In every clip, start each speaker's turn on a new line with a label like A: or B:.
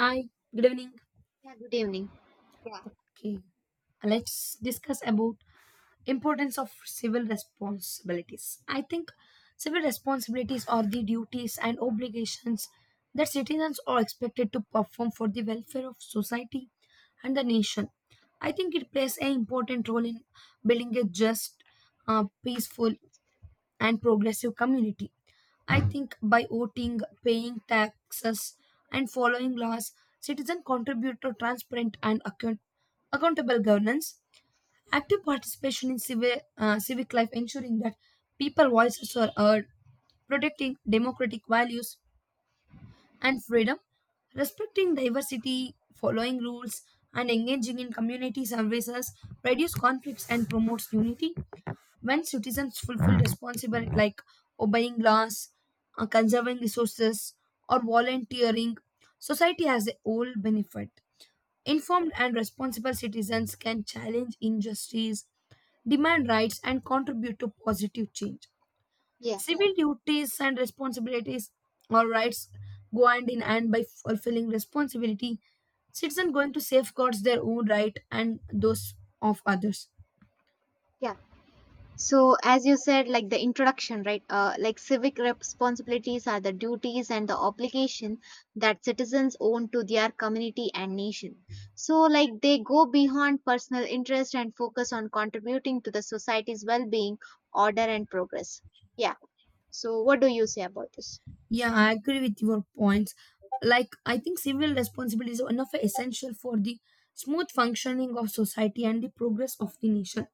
A: Hi, good evening.
B: Yeah, good evening.
A: Okay, let's discuss about importance of civil responsibilities. I think civil responsibilities are the duties and obligations that citizens are expected to perform for the welfare of society and the nation. I think it plays an important role in building a just, peaceful and progressive community. I think by voting, paying taxes, and following laws, citizens contribute to transparent and accountable governance. Active participation in civic life, ensuring that people voices are heard, protecting democratic values and freedom, respecting diversity, following rules, and engaging in community services reduce conflicts and promotes unity when citizens fulfill responsibility like obeying laws, conserving resources, or volunteering, society has a whole benefit. Informed and responsible citizens can challenge injustice, demand rights, and contribute to positive change.
B: Yeah,
A: Civil duties and responsibilities or rights go hand in hand by fulfilling responsibility. Citizen going to safeguards their own right and those of others.
B: yeah. So, as you said, like the introduction, right? Like civic responsibilities are the duties and the obligation that citizens own to their community and nation. So, like they go beyond personal interest and focus on contributing to the society's well being, order, and progress. Yeah. So, what do you say about this?
A: Yeah, I agree with your points. Like, I think civil responsibility is one of the essential for the smooth functioning of society and the progress of the nation.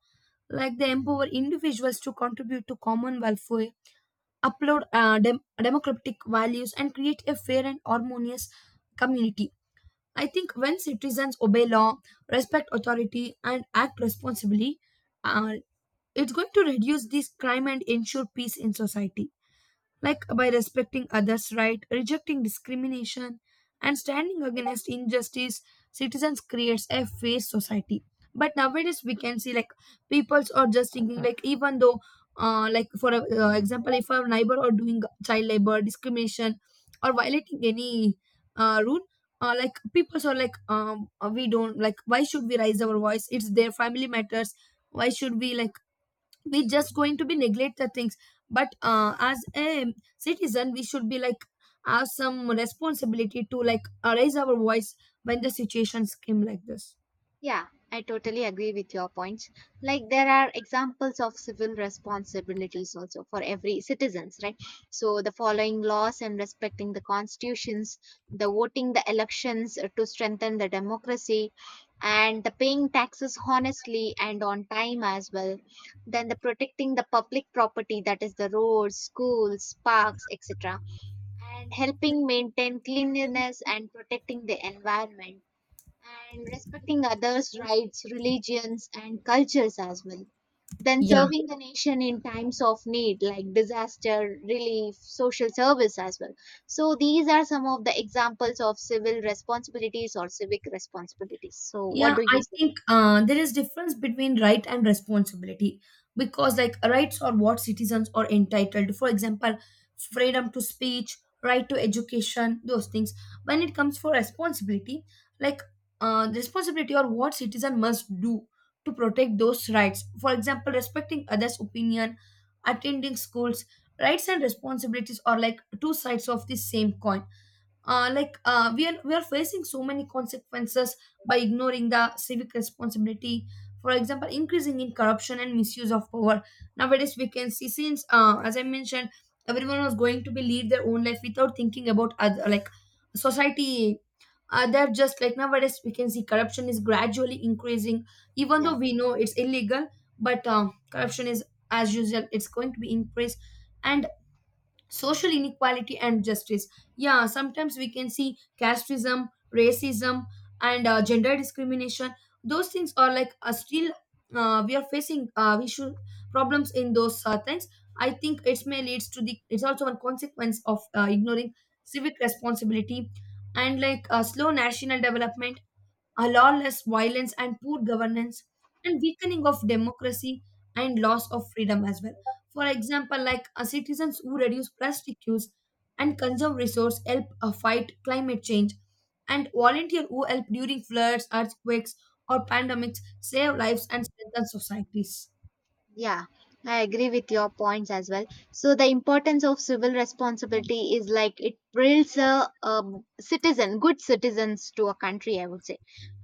A: Like, they empower individuals to contribute to common welfare, upload democratic values, and create a fair and harmonious community. I think when citizens obey law, respect authority, and act responsibly, uh, it's going to reduce this crime and ensure peace in society, like by respecting others' right, rejecting discrimination, and standing against injustice, citizens creates a fair society. But nowadays we can see, like, peoples are just thinking like, even though like, for a, example, if our neighbor are doing child labor discrimination or violating any rule, like people are like, we don't like, why should we raise our voice, it's their family matters, why should we, like, we just going to be neglect the things. But as a citizen we should be like, have some responsibility to, like, raise our voice when the situations came like this.
B: Yeah, I totally agree with your points. Like there are examples of civil responsibilities also for every citizens, right? So the following laws and respecting the constitutions, the voting the elections to strengthen the democracy, and the paying taxes honestly and on time as well. Then the protecting the public property that is the roads, schools, parks, etc. And helping maintain cleanliness and protecting the environment and respecting others' rights, religions, and cultures as well. Then
A: Yeah.
B: serving the nation in times of need, like disaster, relief, social service as well. So, these are some of the examples of civil responsibilities or civic responsibilities. So, what
A: Yeah,
B: do you
A: I
B: say?
A: think there is difference between right and responsibility, because like, rights are what citizens are entitled to. For example, freedom to speech, right to education, those things. When it comes for responsibility, like the responsibility or what citizen must do to protect those rights. For example, respecting others' opinion, attending schools. Rights and responsibilities are like two sides of the same coin. Uh, like we are facing so many consequences by ignoring the civic responsibility, for example increasing in corruption and misuse of power. Nowadays we can see, since as I mentioned, everyone was going to be lead their own life without thinking about other, like society. They're just like, nowadays we can see corruption is gradually increasing even
B: Yeah.
A: though we know it's illegal. But corruption is, as usual, it's going to be increased. And social inequality and justice, yeah, sometimes we can see casteism, racism, and gender discrimination. Those things are like, still, we are facing, we should problems in those things. I think it may leads to the, it's also a consequence of ignoring civic responsibility, and like slow national development, a lawless violence and poor governance, and weakening of democracy and loss of freedom as well. For example, like citizens who reduce plastic use and conserve resource help fight climate change, and volunteer who help during floods, earthquakes, or pandemics save lives and strengthen societies.
B: Yeah, I agree with your points as well. So the importance of civil responsibility is like it builds a, citizen, good citizens to a country, I would say,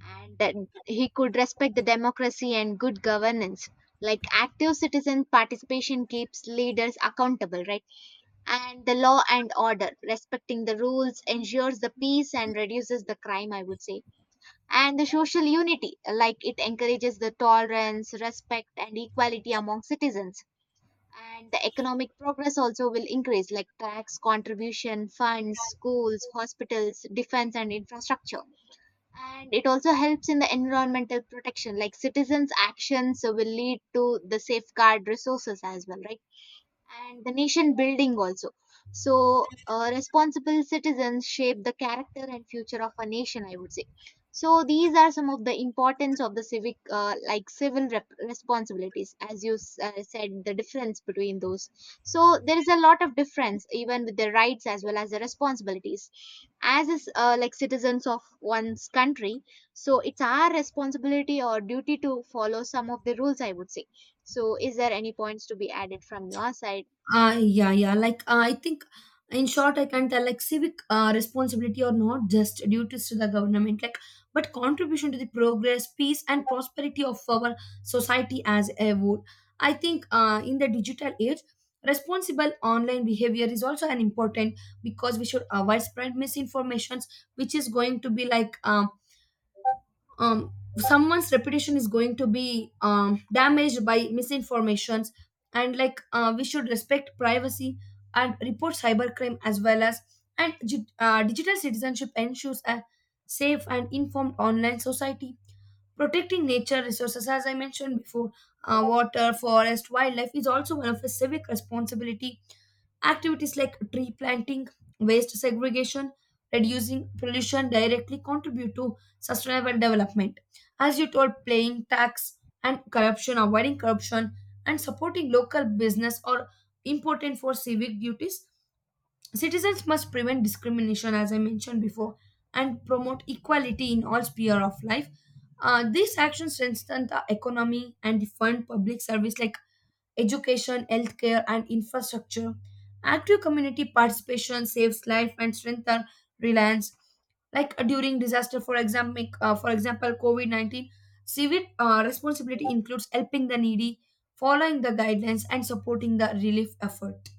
B: and that he could respect the democracy and good governance. Like active citizen participation keeps leaders accountable, right? And the law and order, respecting the rules, ensures the peace and reduces the crime, I would say, and the social unity, like it encourages the tolerance, respect, and equality among citizens, and the economic progress also will increase, like tax contribution funds schools, hospitals, defense, and infrastructure. And it also helps in the environmental protection, like citizens actions will lead to the safeguard resources as well, right? And the nation building also. So, responsible citizens shape the character and future of a nation, I would say. So, these are some of the importance of the civic, like civil rep- responsibilities, as you said, the difference between those. So, there is a lot of difference, even with the rights as well as the responsibilities. As is, like citizens of one's country, so it's our responsibility or duty to follow some of the rules, I would say. So, is there any points to be added from your side?
A: Yeah, yeah. Like, I think, in short, I can tell, like civic responsibility or not just duties to the government, like, but contribution to the progress, peace, and prosperity of our society as a whole. I think, in the digital age, responsible online behavior is also an important, because we should avoid spread misinformations, which is going to be like, um, someone's reputation is going to be damaged by misinformations. And like we should respect privacy and report cybercrime as well. As digital citizenship ensures a safe and informed online society, protecting nature resources as I mentioned before, water, forest, wildlife is also one of a civic responsibility. Activities like tree planting, waste segregation, reducing pollution directly contribute to sustainable development. As you told, playing tax and corruption, avoiding corruption, and supporting local business are important for civic duties. Citizens must prevent discrimination, as I mentioned before, and promote equality in all sphere of life. These actions strengthen the economy and defend public service like education, healthcare, and infrastructure. Active community participation saves life and strengthens reliance. Like during disaster, for example, COVID-19, civic responsibility includes helping the needy, following the guidelines, and supporting the relief effort.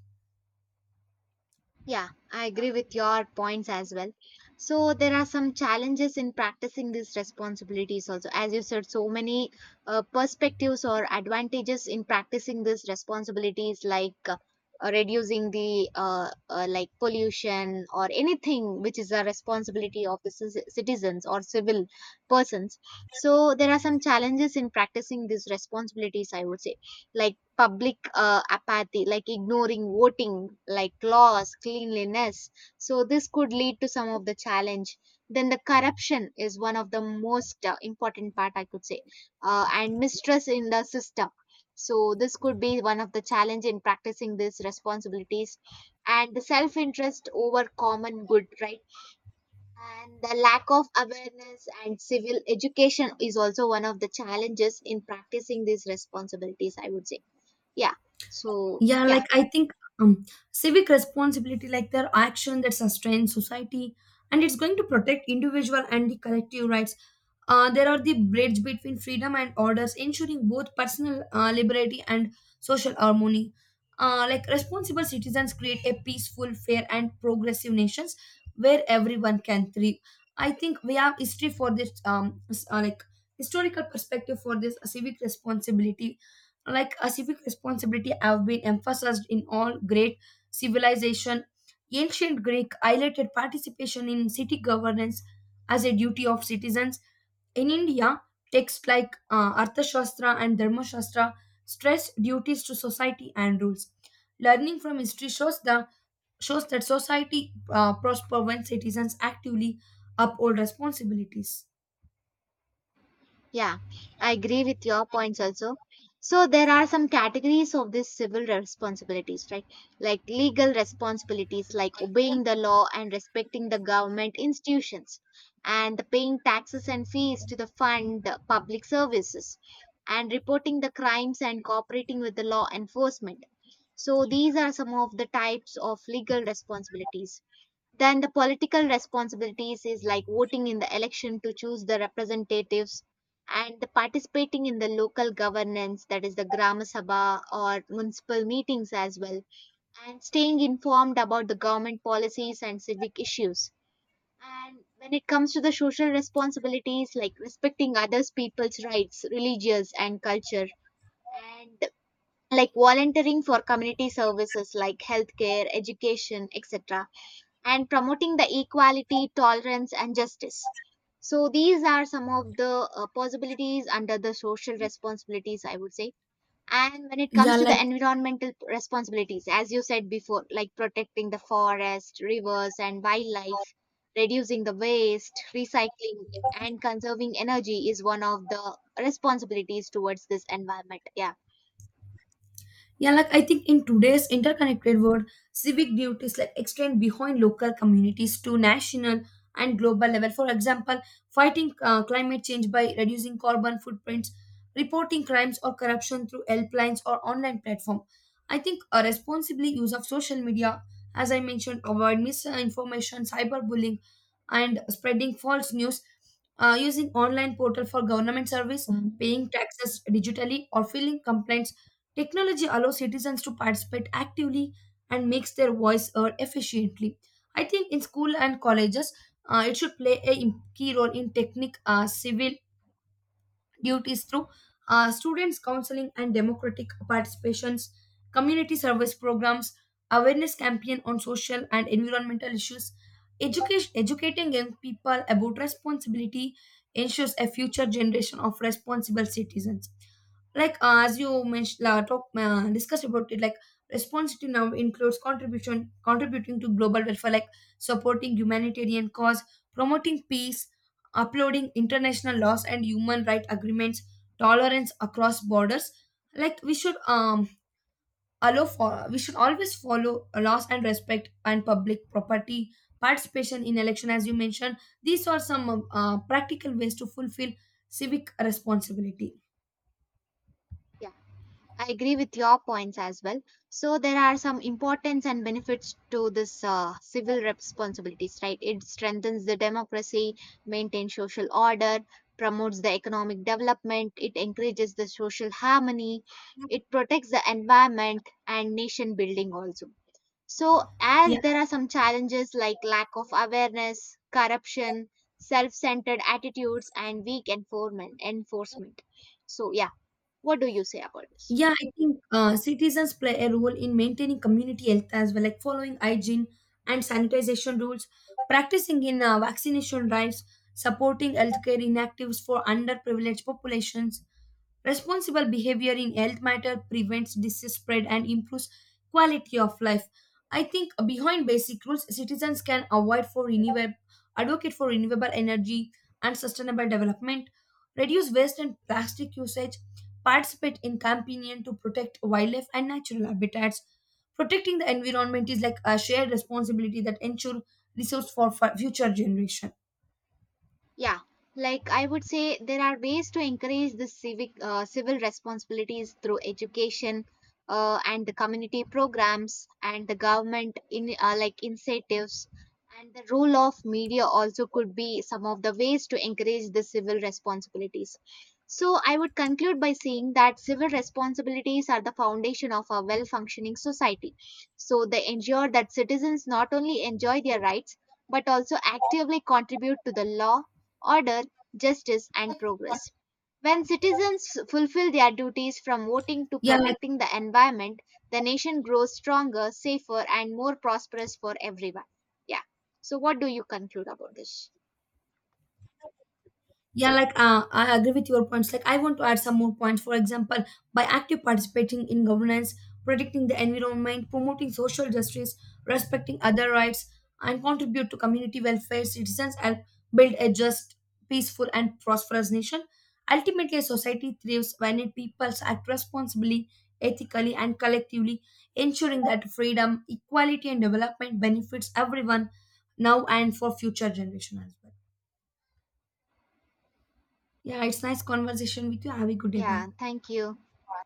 B: Yeah, I agree with your points as well. So there are some challenges in practicing these responsibilities also. As you said, so many perspectives or advantages in practicing these responsibilities, like reducing the like pollution or anything which is a responsibility of the citizens or civil persons. So there are some challenges in practicing these responsibilities, I would say, like public apathy, like ignoring voting, like laws, cleanliness. So this could lead to some of the challenge. Then the corruption is one of the most important part, I could say, and mistrust in the system. So this could be one of the challenge in practicing these responsibilities, and the self interest over common good, right? And the lack of awareness and civil education is also one of the challenges in practicing these responsibilities, I would say. Yeah. So,
A: Yeah,
B: yeah.
A: like I think, um, civic responsibility, like their action that sustains society, and it's going to protect individual and the collective rights. There are the bridge between freedom and orders, ensuring both personal liberty and social harmony. Like, responsible citizens create a peaceful, fair and progressive nations where everyone can thrive. I think we have history for this, like historical perspective for this civic responsibility. Like, a civic responsibility have been emphasized in all great civilization. Ancient Greek highlighted participation in city governance as a duty of citizens. In India, texts like Arthashastra and Dharmashastra stress duties to society and rules. Learning from history shows that society prosper when citizens actively uphold responsibilities.
B: Yeah, I agree with your points also. So there are some categories of this civil responsibilities, right? Like legal responsibilities, like obeying the law and respecting the government institutions, and the paying taxes and fees to the fund, public services, and reporting the crimes and cooperating with the law enforcement. So these are some of the types of legal responsibilities. Then the political responsibilities is like voting in the election to choose the representatives, and the participating in the local governance, that is the gram sabha or municipal meetings as well, and staying informed about the government policies and civic issues. And when it comes to the social responsibilities, like respecting others people's rights, religious and culture, and like volunteering for community services like healthcare, education, etc. and promoting the equality, tolerance, and justice. So, these are some of the possibilities under the social responsibilities, I would say. And when it comes
A: Yeah,
B: to the environmental responsibilities, as you said before, like protecting the forest, rivers, and wildlife, reducing the waste, recycling, and
A: like,
B: conserving energy is one of the responsibilities towards this environment. Yeah.
A: yeah, like I think in today's interconnected world, civic duties like extend behind local communities to national and global level. For example, fighting climate change by reducing carbon footprints, reporting crimes or corruption through helplines or online platform. I think a responsibly use of social media, as I mentioned, avoid misinformation, cyberbullying, and spreading false news. Using online portal for government service,
B: Mm.
A: paying taxes digitally, or filling complaints. Technology allows citizens to participate actively and makes their voice heard efficiently. I think in school and colleges, it should play a im- key role in technique, civil duties through students' counseling and democratic participations, community service programs, awareness campaign on social and environmental issues. Education, educating young people about responsibility ensures a future generation of responsible citizens. Like as you mentioned, talk discussed about it, like responsibility now includes contribution contributing to global welfare, like supporting humanitarian cause, promoting peace, upholding international laws and human rights agreements, tolerance across borders. Like, we should allow for, we should always follow laws and respect and public property, participation in election as you mentioned. These are some practical ways to fulfill civic responsibility.
B: Yeah, I agree with your points as well. So there are some importance and benefits to this civil responsibilities, right? It strengthens the democracy, maintains social order, promotes the economic development, it encourages the social harmony, it protects the environment and nation building also. So
A: Yeah.
B: as there are some challenges like lack of awareness, corruption, self-centered attitudes and weak enforcement. So yeah, what do you say about this?
A: Yeah, I think citizens play a role in maintaining community health as well, like following hygiene and sanitization rules, practicing in vaccination drives, supporting healthcare inactives for underprivileged populations. Responsible behavior in health matter prevents disease spread and improves quality of life. I think behind basic rules, citizens can avoid for renewable, advocate for renewable energy and sustainable development, reduce waste and plastic usage, participate in campaigning to protect wildlife and natural habitats. Protecting the environment is like a shared responsibility that ensure resource for future generation.
B: Yeah, like I would say, there are ways to encourage the civic civil responsibilities through education and the community programs and the government in like incentives, and the role of media also could be some of the ways to encourage the civil responsibilities. So I would conclude by saying that civil responsibilities are the foundation of a well-functioning society. So they ensure that citizens not only enjoy their rights but also actively contribute to the law, order, justice, and progress. When citizens fulfill their duties from voting to
A: Yeah, like,
B: protecting the environment, the nation grows stronger, safer, and more prosperous for everyone. Yeah. So, what do you conclude about this?
A: yeah, like I agree with your points. Like, I want to add some more points. For example, by active participating in governance, protecting the environment, promoting social justice, respecting other rights, and contribute to community welfare, citizens help build a just, peaceful, and prosperous nation. Ultimately, a society thrives when it peoples act responsibly, ethically, and collectively, ensuring that freedom, equality, and development benefits everyone now and for future generations as well. Yeah, it's nice conversation with you. Have a good day.
B: Yeah.
A: Bye.
B: Thank you.